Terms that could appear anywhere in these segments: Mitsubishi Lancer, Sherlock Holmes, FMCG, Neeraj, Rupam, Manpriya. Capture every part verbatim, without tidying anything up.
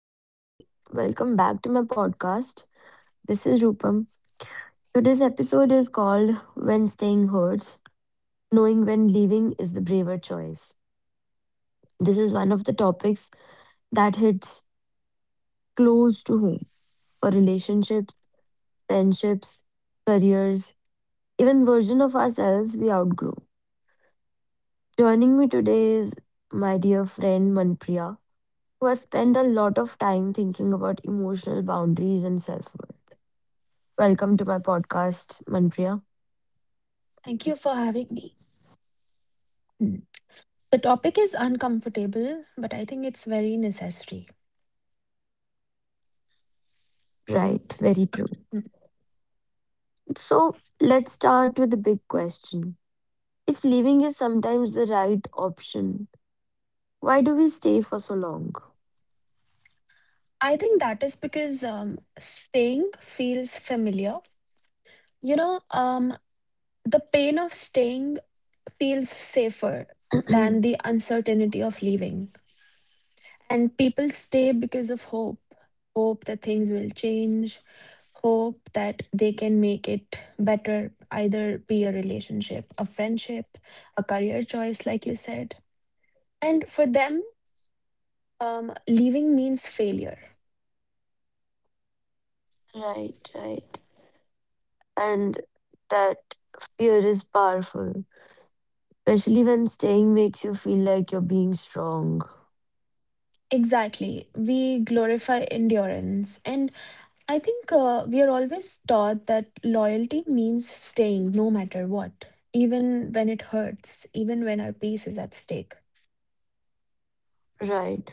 Um, welcome back to my podcast. This is Rupam. Today's episode is called When Staying Hurts, Knowing When Leaving is the Braver Choice. This is one of the topics that hits close to home, for relationships, friendships, careers, even version of ourselves we outgrow. Joining me today is my dear friend Manpriya, who has spent a lot of time thinking about emotional boundaries and self worth. Welcome to my podcast, Manpriya. Thank you for having me. Mm, the topic is uncomfortable, but I think it's very necessary. Mhm. Right, very true. mm, So let's start with the big question. If leaving is sometimes the right option, why do we stay for so long? I think that is because um, staying feels familiar. You know, um, the pain of staying feels safer than the uncertainty of leaving. And people stay because of hope hope that things will change, hope that they can make it better, either be a relationship, a friendship, a career choice, like you said. And for them, Um, leaving means failure. Right, right. And that fear is powerful, especially when staying makes you feel like you're being strong. Exactly. We glorify endurance. And I think uh, we are always taught that loyalty means staying no matter what, even when it hurts, even when our peace is at stake. Right.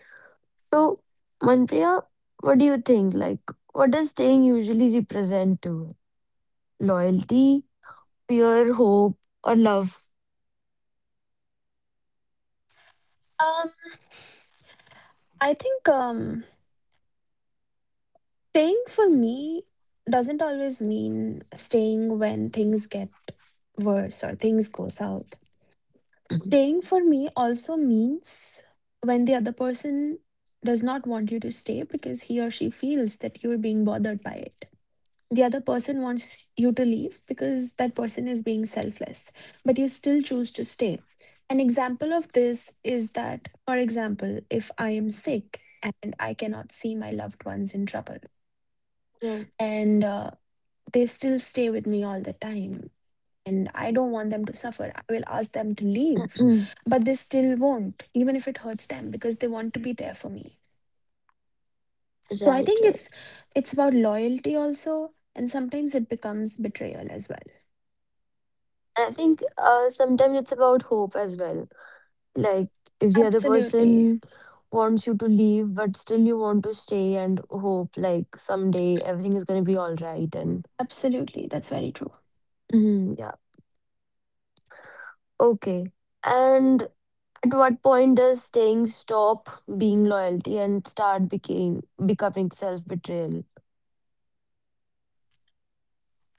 So, Manpriya, what do you think? Like, what does staying usually represent to you? Loyalty, fear, hope, or love? Um, I think um, staying for me doesn't always mean staying when things get worse or things go south. Staying for me also means when the other person does not want you to stay because he or she feels that you're being bothered by it. The other person wants you to leave because that person is being selfless, but you still choose to stay. An example of this is that, for example, if I am sick and I cannot see my loved ones in trouble, and uh, they still stay with me all the time and I don't want them to suffer. I will ask them to leave, Mm, but they still won't, even if it hurts them, because they want to be there for me. So I right, think right. it's it's about loyalty also, and sometimes it becomes betrayal as well. I think uh, sometimes it's about hope as well. Like, if the other Absolutely. person wants you to leave, but still you want to stay and hope like someday everything is going to be all right. And Absolutely. That's very true. mhm, yeah, okay. And at what point does staying stop being loyalty and start became becoming self betrayal?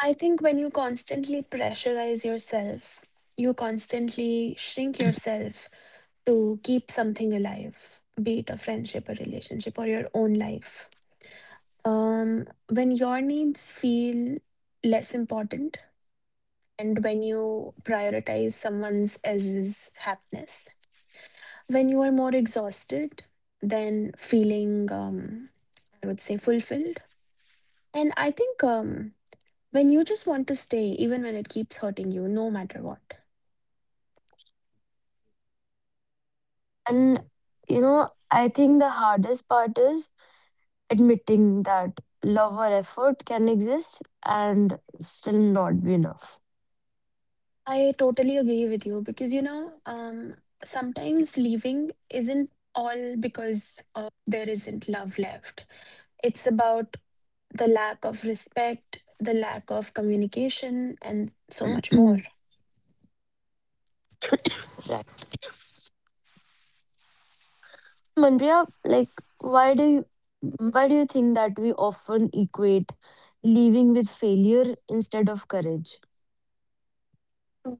I think when you constantly pressurize yourself, you constantly shrink yourself to keep something alive, be it a friendship, a relationship, or your own life. Um, when your needs feel less important and when you prioritize someone's else's happiness, when you are more exhausted than feeling, um, I would say, fulfilled. And I think um, when you just want to stay, even when it keeps hurting you, no matter what. And you know, I think the hardest part is admitting that love or effort can exist and still not be enough. I totally agree with you because, you know, um, sometimes leaving isn't all because uh, there isn't love left. It's about the lack of respect, the lack of communication, and so much more. Right. Manpriya, like, why do you why do you think that we often equate leaving with failure instead of courage?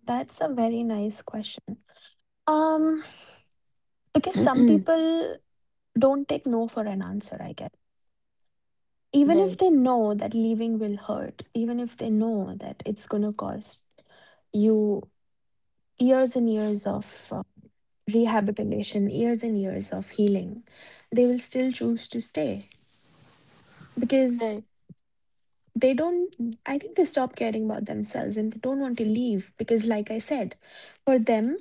That's a very nice question. Um, because some people don't take no for an answer, I guess. Even if Right, they know that leaving will hurt, even if they know that it's going to cost you years and years of uh, rehabilitation, years and years of healing, they will still choose to stay. Because right. they don't I think they stop caring about themselves and they don't want to leave because, like I said, for them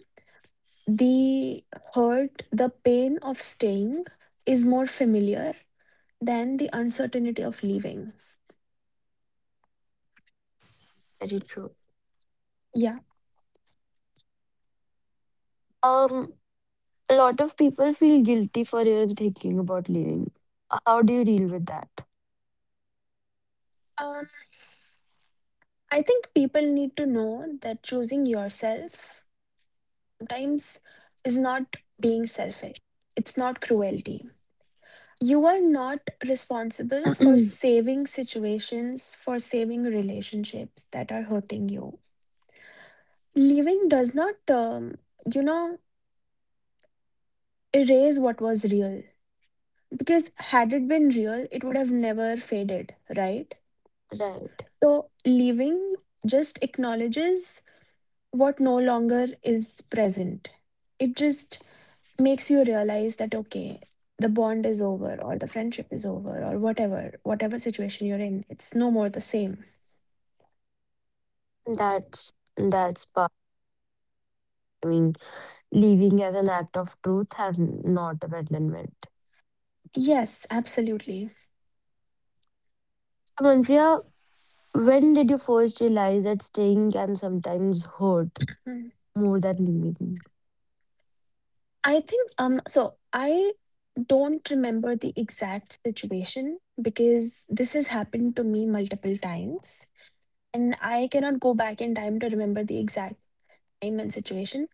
the hurt the pain of staying is more familiar than the uncertainty of leaving. Very true. Yeah. Um a lot of people feel guilty for even thinking about leaving. How do you deal with that? um I think people need to know that choosing yourself sometimes is not being selfish, it's not cruelty. You are not responsible for saving situations, for saving relationships that are hurting you. Leaving does not, um, you know, erase what was real. Because had it been real, it would have never faded, right? Right. So leaving just acknowledges what no longer is present. It just makes you realize that, okay, the bond is over, or the friendship is over, or whatever, whatever situation you're in, it's no more the same. That's that's part. I mean, leaving as an act of truth and not abandonment. Yes, absolutely. Manpriya, when did you first realize that staying can sometimes hurt Mm. more than leaving? I think um so I don't remember the exact situation because this has happened to me multiple times and I cannot go back in time to remember the exact time and situation.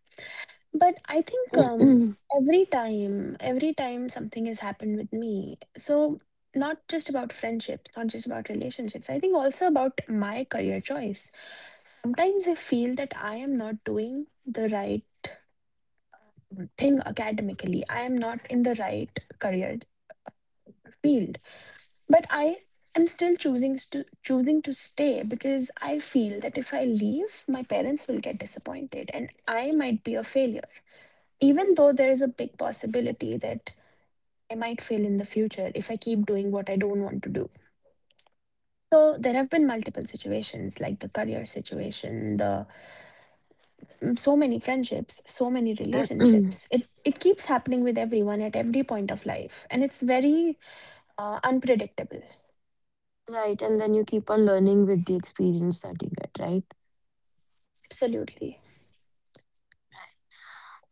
But I think um, every time, every time something has happened with me, so not just about friendships, not just about relationships, I think also about my career choice. Sometimes I feel that I am not doing the right thing academically, I am not in the right career field. But I am still choosing to choosing to stay because I feel that if I leave, my parents will get disappointed and I might be a failure. Even though there is a big possibility that I might fail in the future if I keep doing what I don't want to do. So there have been multiple situations like the career situation, the mm, so many friendships, so many relationships. It it keeps happening with everyone at every point of life and it's very uh, unpredictable. Right, and then you keep on learning with the experience that you get, right? Absolutely.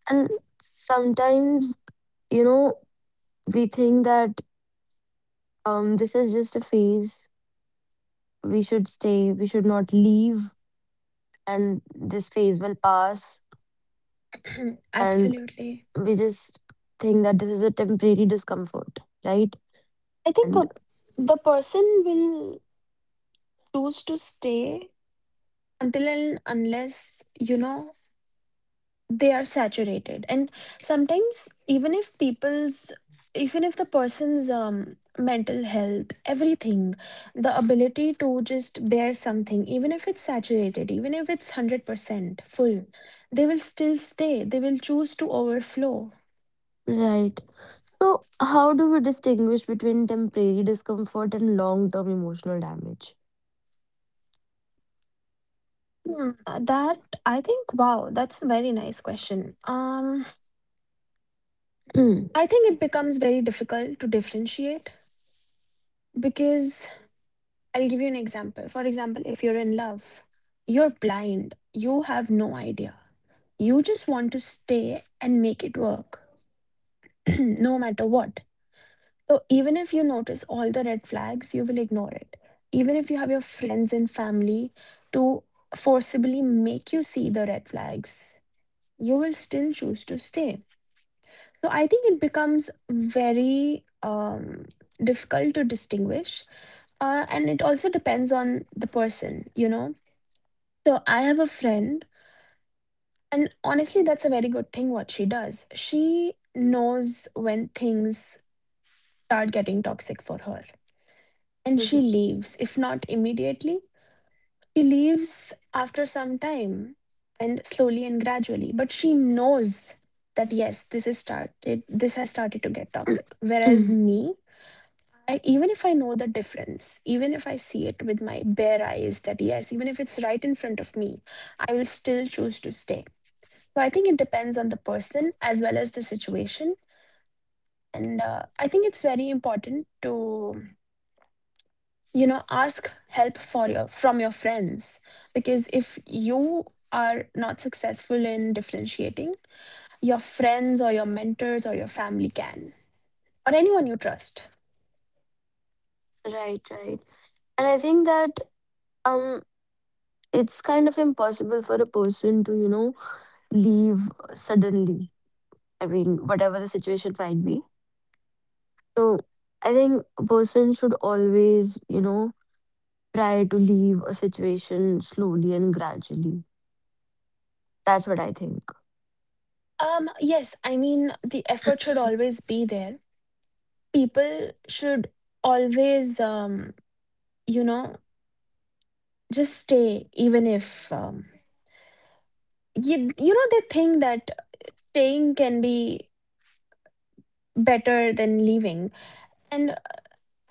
And sometimes, you know, we think that um, this is just a phase. We should stay, we should not leave, and this phase will pass. And Absolutely. we just think that this is a temporary discomfort, right? I think And a, the person will choose to stay until and unless, you know, they are saturated. And sometimes, even if people's, even if the person's um, mental health, everything, the ability to just bear something, even if it's saturated, even if it's one hundred percent full, they will still stay. They will choose to overflow. right. So, how do we distinguish between temporary discomfort and long term emotional damage? Hmm, uh, that, I think, wow, that's a very nice question. Um, Mm. I think it becomes very difficult to differentiate because I'll give you an example. For example, if you're in love, you're blind, you have no idea. You just want to stay and make it work, no matter what. So, even if you notice all the red flags, you will ignore it. Even if you have your friends and family to forcibly make you see the red flags, you will still choose to stay. So, I think it becomes very um, difficult to distinguish, uh, and it also depends on the person, you know. So I have a friend, and honestly, that's a very good thing what she does. She knows when things start getting toxic for her, and Mhm. she leaves. If not immediately, she leaves after some time and slowly and gradually. But she knows that yes, this is started, this has started to get toxic. Whereas Mm. me, I even if I know the difference, even if I see it with my bare eyes, that yes, even if it's right in front of me, I will still choose to stay. So I think it depends on the person as well as the situation, and uh, I think it's very important to, you know, ask help for your from your friends, because if you are not successful in differentiating, your friends or your mentors or your family can, or anyone you trust. Right, right. And I think that um it's kind of impossible for a person to, you know, leave suddenly. I mean, whatever the situation might be. So, I think a person should always, you know, try to leave a situation slowly and gradually. That's what I think. Um, yes, I mean, the effort should always be there. People should always, um, you know, just stay even if, um, you, you know, they think that staying can be better than leaving. And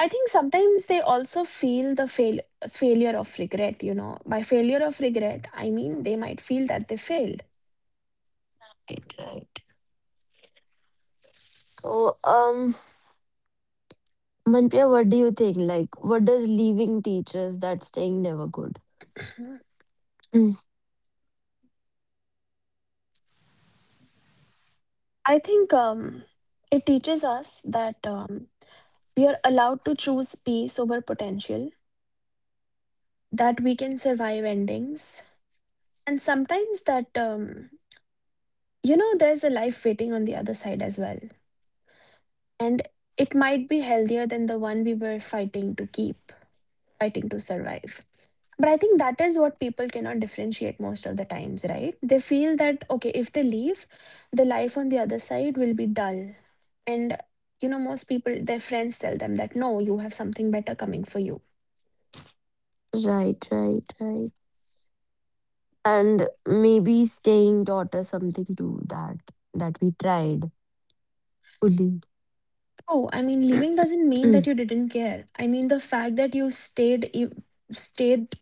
I think sometimes they also feel the fail failure of regret. You know, by failure of regret I mean they might feel that they failed. Right, right. So, um, Manpriya, what do you think? Like, what does leaving teaches that staying never could? Mhm. Mm, I think um, it teaches us that um, we are allowed to choose peace over potential, that we can survive endings. And sometimes that, um, you know, there's a life waiting on the other side as well. And it might be healthier than the one we were fighting to keep, fighting to survive. But I think that is what people cannot differentiate most of the times, right? They feel that, okay, if they leave, the life on the other side will be dull. And, you know, most people, their friends tell them that, no, you have something better coming for you. right, right, right. And maybe staying taught us something too, that that we tried fully. Oh, I mean, leaving doesn't mean that Mm, you didn't care. I mean, the fact that you stayed you stayed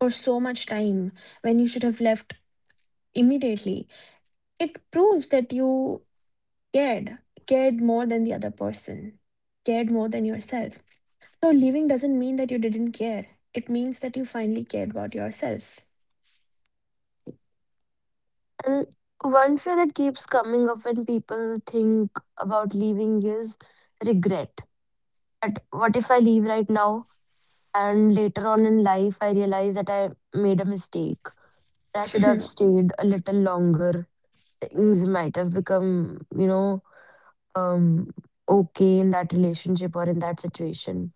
for so much time when you should have left immediately, it proves that you cared, cared more than the other person, cared more than yourself. So leaving doesn't mean that you didn't care. It means that you finally cared about yourself. and one fear that keeps coming up when people think about leaving is regret. But what if I leave right now and later on in life I realize that I made a mistake. I should have stayed a little longer. Things might have become, you know, um okay in that relationship or in that situation.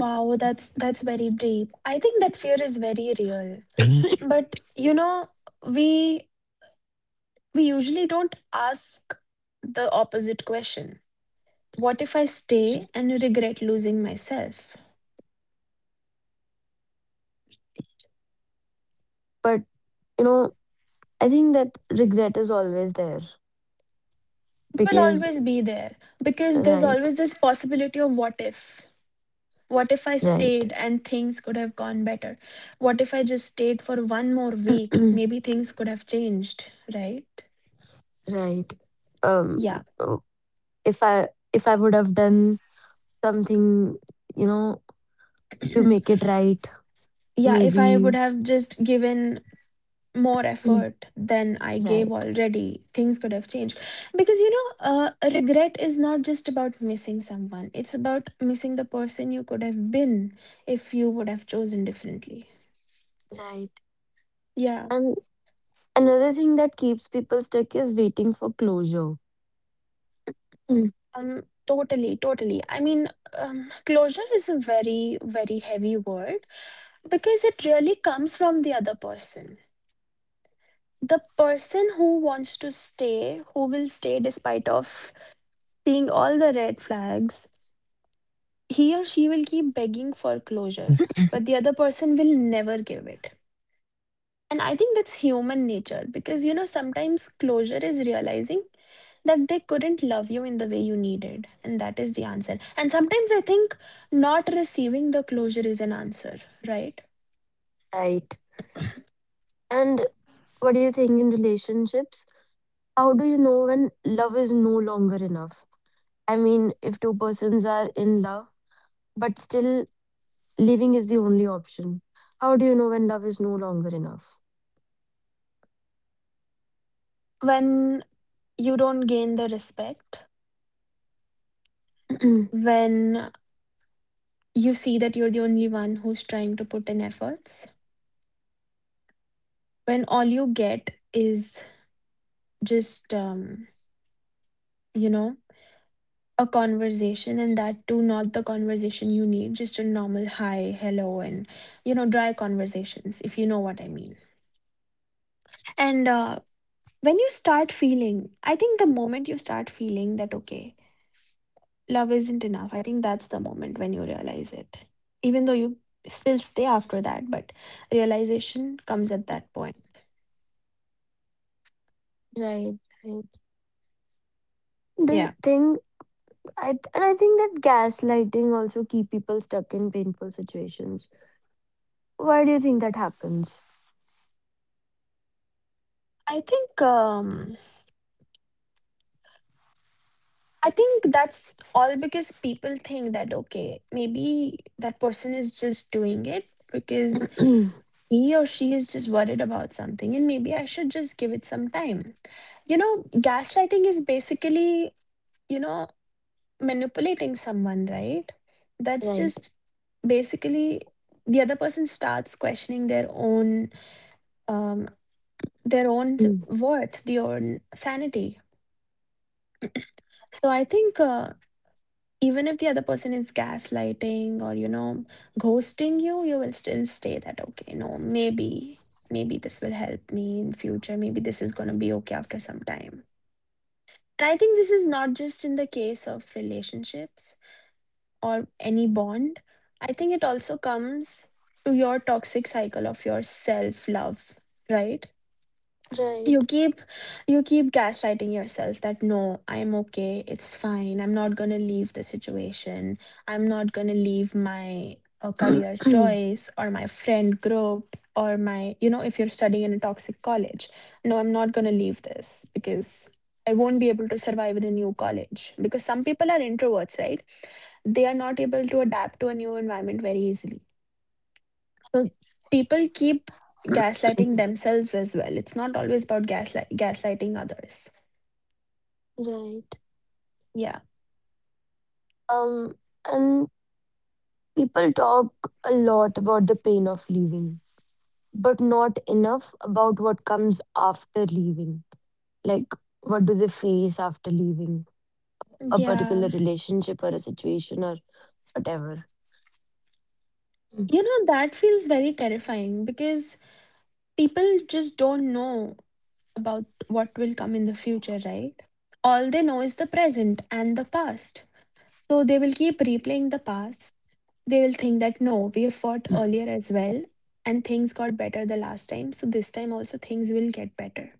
Wow, that's that's very deep. I think that fear is very real. But you know, we We usually don't ask the opposite question. What if I stay and regret losing myself? But you know, I think that regret is always there It will because always be there because there's right, always this possibility of what if. What if I stayed right, and things could have gone better? What if I just stayed for one more week? Maybe things could have changed, right? right. Um, Yeah. oh, if I if I would have done something, you know, to make it right, yeah, if I would maybe. have just given more Mm. effort than I gave Right, already, things could have changed. Because, you know, uh, regret is not just about missing someone, it's about missing the person you could have been if you would have chosen differently. right. Yeah, And another thing that keeps people stuck is waiting for closure. Mm. um, totally, totally. I mean, um, closure is a very, very heavy word because it really comes from the other person. The person who wants to stay, who will stay despite of seeing all the red flags, he or she will keep begging for closure, but the other person will never give it. And I think that's human nature because, you know, sometimes closure is realizing that they couldn't love you in the way you needed. And that is the answer. And sometimes I think not receiving the closure is an answer, right? Right? And what do you think in relationships? How do you know when love is no longer enough? I mean, if two persons are in love, but still leaving is the only option, how do you know when love is no longer enough? When you don't gain the respect, when you see that you're the only one who's trying to put in efforts, when all you get is just, um, you know, a conversation, and that too not the conversation you need, just a normal hi hello, and, you know, dry conversations, if you know what I mean. And uh, when you start feeling, I think the moment you start feeling that, okay, love isn't enough, I think that's the moment when you realize it. Even though you still stay after that, but realization comes at that point. Right. Right. Do Yeah. you think I and I think that gaslighting also keep people stuck in painful situations. Why do you think that happens? i think um I think that's all because people think that okay, maybe that person is just doing it because he or she is just worried about something and maybe I should just give it some time. You know, gaslighting is basically, you know, manipulating someone, right? That's Right. just basically the other person starts questioning their own um their own Mm. worth, their own sanity. So I think, uh, even if the other person is gaslighting or, you know, ghosting you, you will still stay that okay, no, maybe maybe this will help me in future, maybe this is going to be okay after some time. And I think this is not just in the case of relationships or any bond. I think it also comes to your toxic cycle of your self love, right? You Right. keep you keep gaslighting yourself that no, I'm okay, it's fine, I'm not going to leave the situation. I'm not going to leave my uh, career choice or my friend group or my, you know, if you're studying in a toxic college, no, I'm not going to leave this because I won't be able to survive in a new college, because some people are introverts, right? They are not able to adapt to a new environment very easily. So people keep gaslighting themselves as well. It's not always about gaslight gaslighting others. Right. Yeah. Um, and people talk a lot about the pain of leaving, but not enough about what comes after leaving. Like, what do they face after leaving a Yeah. particular relationship or a situation or whatever? Mm. You know, that feels very terrifying because people just don't know about what will come in the future, right? All they know is the present and the past. So they will keep replaying the past. They will think that no, we fought earlier as well and things got better the last time. So this time also things will get better.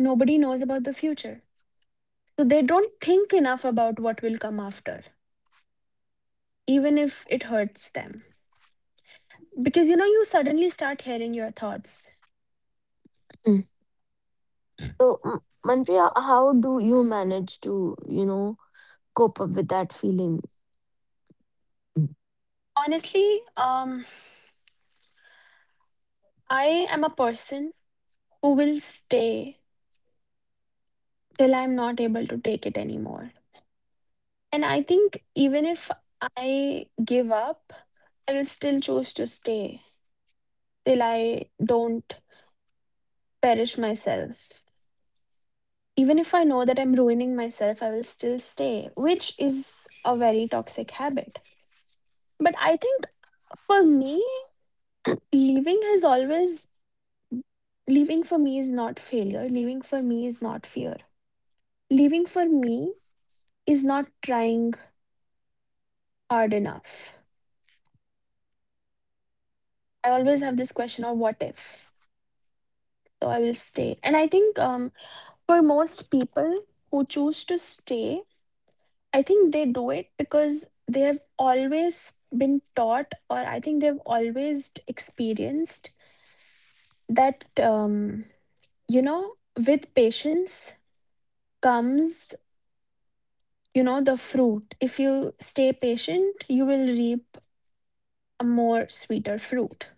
Nobody knows about the future. So they don't think enough about what will come after, even if it hurts them. Because, you know, you suddenly start hearing your thoughts. Mm. So, M- Manpriya, how do you manage to, you know, cope up with that feeling? Mm. Honestly, um, I am a person who will stay till I'm not able to take it anymore. And I think even if I give up, I will still choose to stay till I don't perish myself. Even if I know that I'm ruining myself, I will still stay, which is a very toxic habit. But I think for me, leaving has always leaving for me is not failure. Leaving for me is not fear. Leaving for me is not trying hard enough. I always have this question of what if? So I will stay. And I think um, for most people who choose to stay, I think they do it because they have always been taught, or I think they've always experienced that, um, you know, with patience comes, you know, the fruit. If you stay patient, you will reap a more sweeter fruit.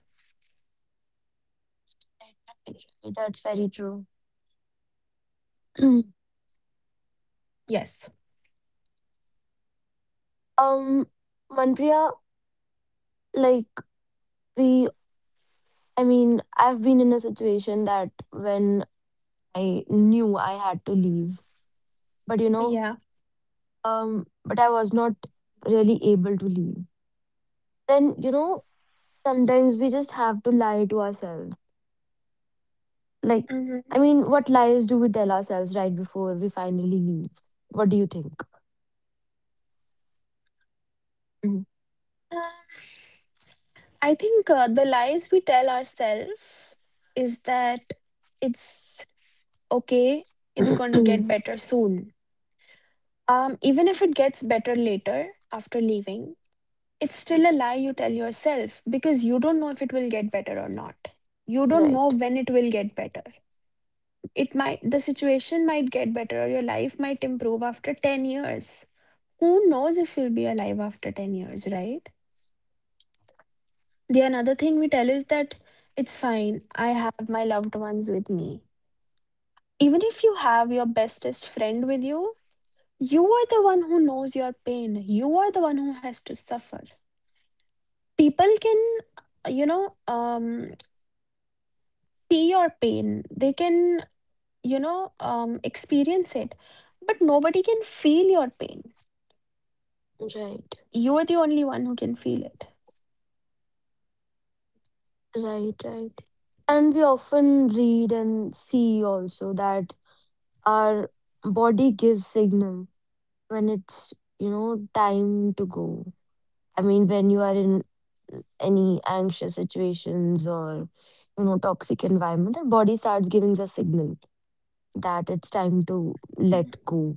Right, right, that's very true. Yes. Um, Manpriya, like the, I mean, I've been in a situation that when I knew I had to leave, but you know, Yeah. um, but I was not really able to leave. Then, you know, sometimes we just have to lie to ourselves. Like, Hmm. I mean, what lies do we tell ourselves right before we finally leave? What do you think? Mhm. I think, uh, the lies we tell ourselves is that it's okay, it's going to get better soon. um even if it gets better later after leaving, it's still a lie you tell yourself because you don't know if it will get better or not. You don't know Right, when it will get better. It might, the situation might get better or your life might improve after ten years. Who knows if you'll be alive after ten years, right? The another thing we tell is that it's fine, I have my loved ones with me. Even if you have your bestest friend with you, you are the one who knows your pain. You are the one who has to suffer. People can, you know, um, see your pain, they can, you know, um, experience it, but nobody can feel your pain. right, You're the only one who can feel it. right, right. And we often read and see also that our body gives signal when it's, you know, time to go. I mean, when you are in any anxious situations or you know toxic environment, our body starts giving us signal that it's time to let Mhm. go,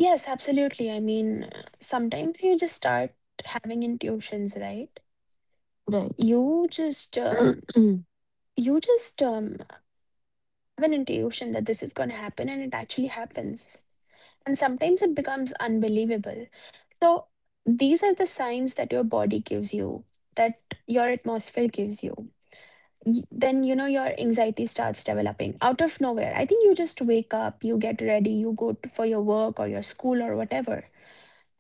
Yes, absolutely. I mean, uh, sometimes you just start having intuitions, right? right. You just um, you just um, have an intuition that this is going to happen, and it actually happens. And sometimes it becomes unbelievable. So these are the signs that your body gives you, that your atmosphere gives you. Y- Then, you know, your anxiety starts developing out of nowhere. I think you just wake up, you get ready, you go to, for your work or your school or whatever,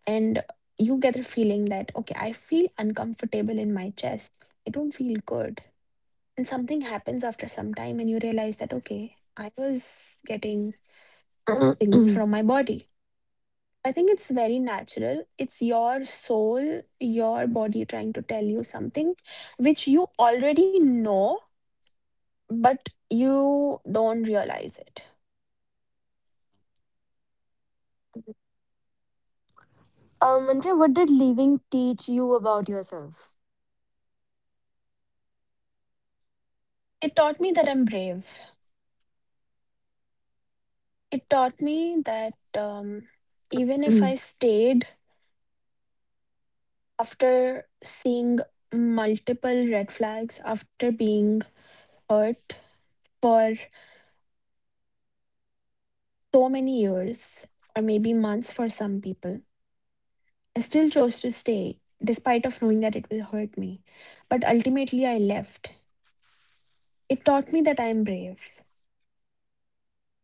and you get the feeling that okay, I feel uncomfortable in my chest, I don't feel good. And something happens after some time and you realize that okay, I was getting um signal from my body. I think it's very natural, it's your soul, your body trying to tell you something which you already know but you don't realize it. Andrea, what did leaving teach you about yourself? It taught me that I'm brave. It taught me that, um, even if Mm, I stayed after seeing multiple red flags, after being hurt for so many years, or maybe months for some people, I still chose to stay despite of knowing that it will hurt me. But ultimately I left. It taught me that I am brave.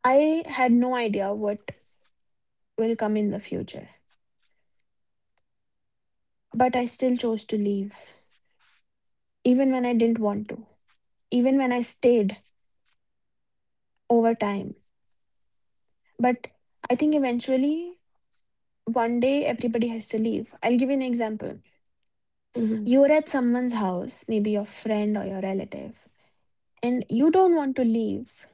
I had no idea what will come in the future, but I still chose to leave even when I didn't want to, even when I stayed over time. But I think eventually one day everybody has to leave. I'll give you an example. mhm. You're at someone's house, maybe your friend or your relative, and you don't want to leave,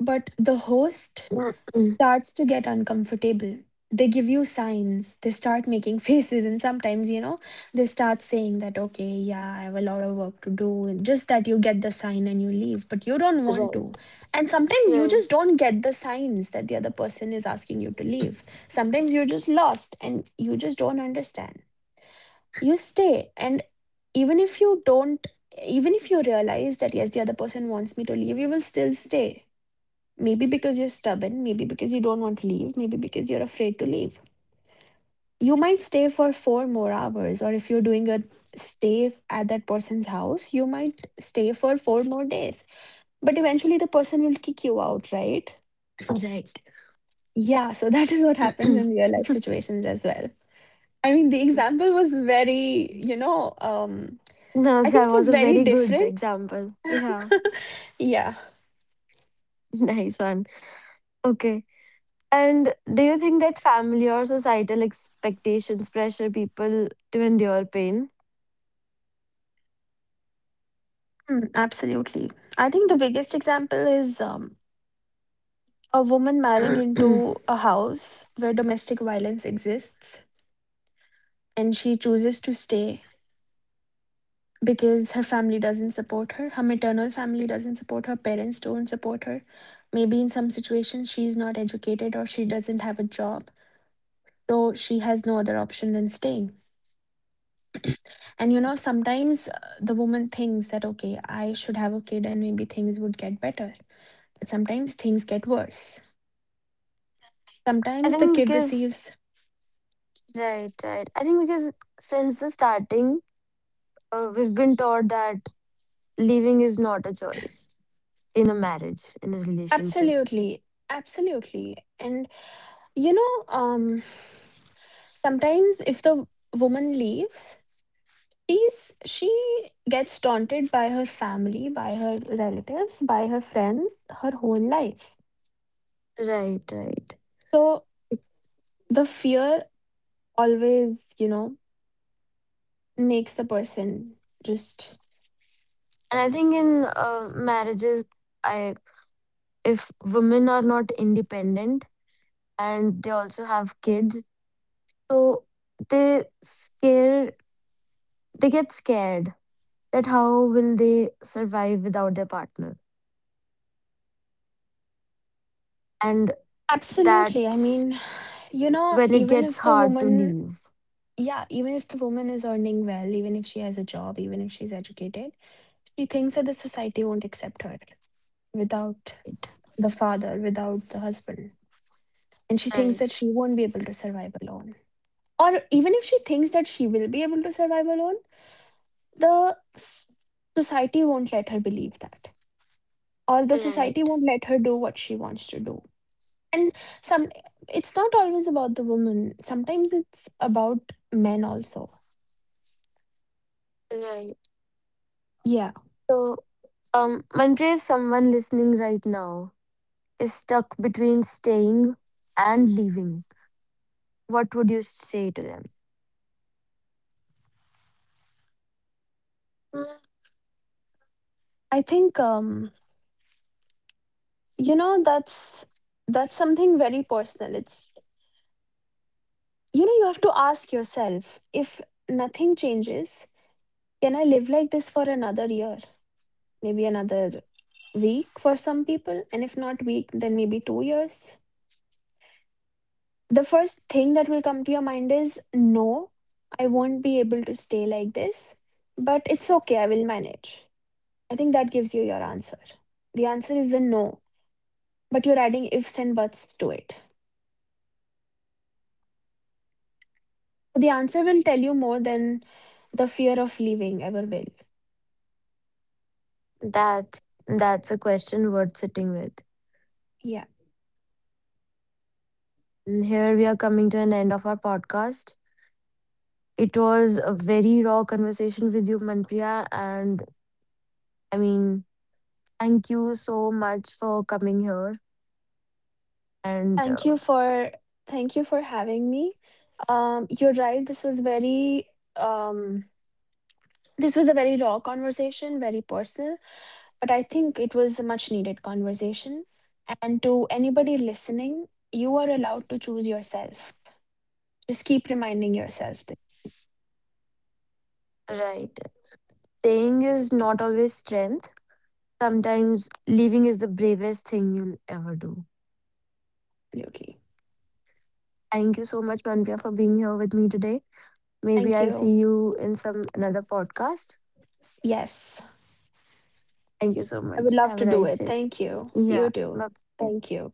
but the host Mm, starts to get uncomfortable. They give you signs, they start making faces, and sometimes, you know, they start saying that, okay, yeah, I have a lot of work to do, and just that you get the sign and you leave, but you don't want right. to. And sometimes you Right. just don't get the signs that the other person is asking you to leave. Sometimes you're just lost and you just don't understand. You stay, and even if you don't, even if you realize that yes, the other person wants me to leave, you will still stay, maybe because you're stubborn, maybe because you don't want to leave, maybe because you're afraid to leave. You might stay for four more hours, or if you're doing a stay f- at that person's house, you might stay for four more days, but eventually the person will kick you out, right? Right. Yeah. So that is what happens in real life situations as well. I mean, the example was very, you know um No, I that think it was was a very very good different. example, yeah. Yeah. Nice one. Okay. And do you think that family or societal expectations pressure people to endure pain? Mm, absolutely. I think the biggest example is, um, a woman marrying into a house where domestic violence exists, and she chooses to stay because her family doesn't support her. Her maternal family doesn't support her, parents don't support her. Maybe in some situations she's not educated or she doesn't have a job. So she has no other option than staying. And you know, sometimes, uh, the woman thinks that, okay, I should have a kid and maybe things would get better. But sometimes things get worse. I Sometimes the think kid because receives right, right. I think because since the starting, uh, we've been taught that leaving is not a choice in a marriage, in a relationship. absolutely, absolutely. And, you know, um, sometimes if the woman leaves, she's she gets taunted by her family, by her relatives, by her friends, her whole life. Right, right. So the fear always, you know, makes the person just And I think in uh, marriages, I if women are not independent and they also have kids, so they scare they get scared that how will they survive without their partner, and that absolutely. I mean, you know, when it even gets if the hard to woman leave. yeah, even if the woman is earning well, even if she has a job, even if she's educated, she thinks that the society won't accept her without the father, without the husband. And she thinks Right, that she won't be able to survive alone. Or even if she thinks that she will be able to survive alone, the s- society won't let her believe that. Or the society right, won't let her do what she wants to do. And some, it's not always about the woman. Sometimes it's about men also. right. Yeah. So, um, Manpreet, if someone listening right now is stuck between staying and leaving, what would you say to them? Mm, I think um you know, that's that's something very personal. It's, you know, you have to ask yourself if nothing changes, can I live like this for another year, maybe another week for some people, and if not week, then maybe two years. The first thing that will come to your mind is no, I won't be able to stay like this, but it's okay, I will manage. I think that gives you your answer. The answer is a no, but you're adding ifs and buts to it. So the answer will tell you more than the fear of leaving ever will. That's that's a question worth sitting with. Yeah. And here we are coming to an end of our podcast. It was a very raw conversation with you, Manpriya, and I mean, thank you so much for coming here. And uh, Thank you for Thank you for having me. Um, you're right. This was very um, this was a very raw conversation, very personal, but I think it was a much needed conversation. And to anybody listening, you are allowed to choose yourself. Just keep reminding yourself this. right, staying is not always strength. Sometimes leaving is the bravest thing you'll ever do. Absolutely. Thank you so much, Manpreet, for being here with me today. Maybe Thank I'll see you. you in some another podcast. Yes, Thank you so I would much. love Have a to do nice it. day. Thank you. Yeah. You too. Bye. Thank you.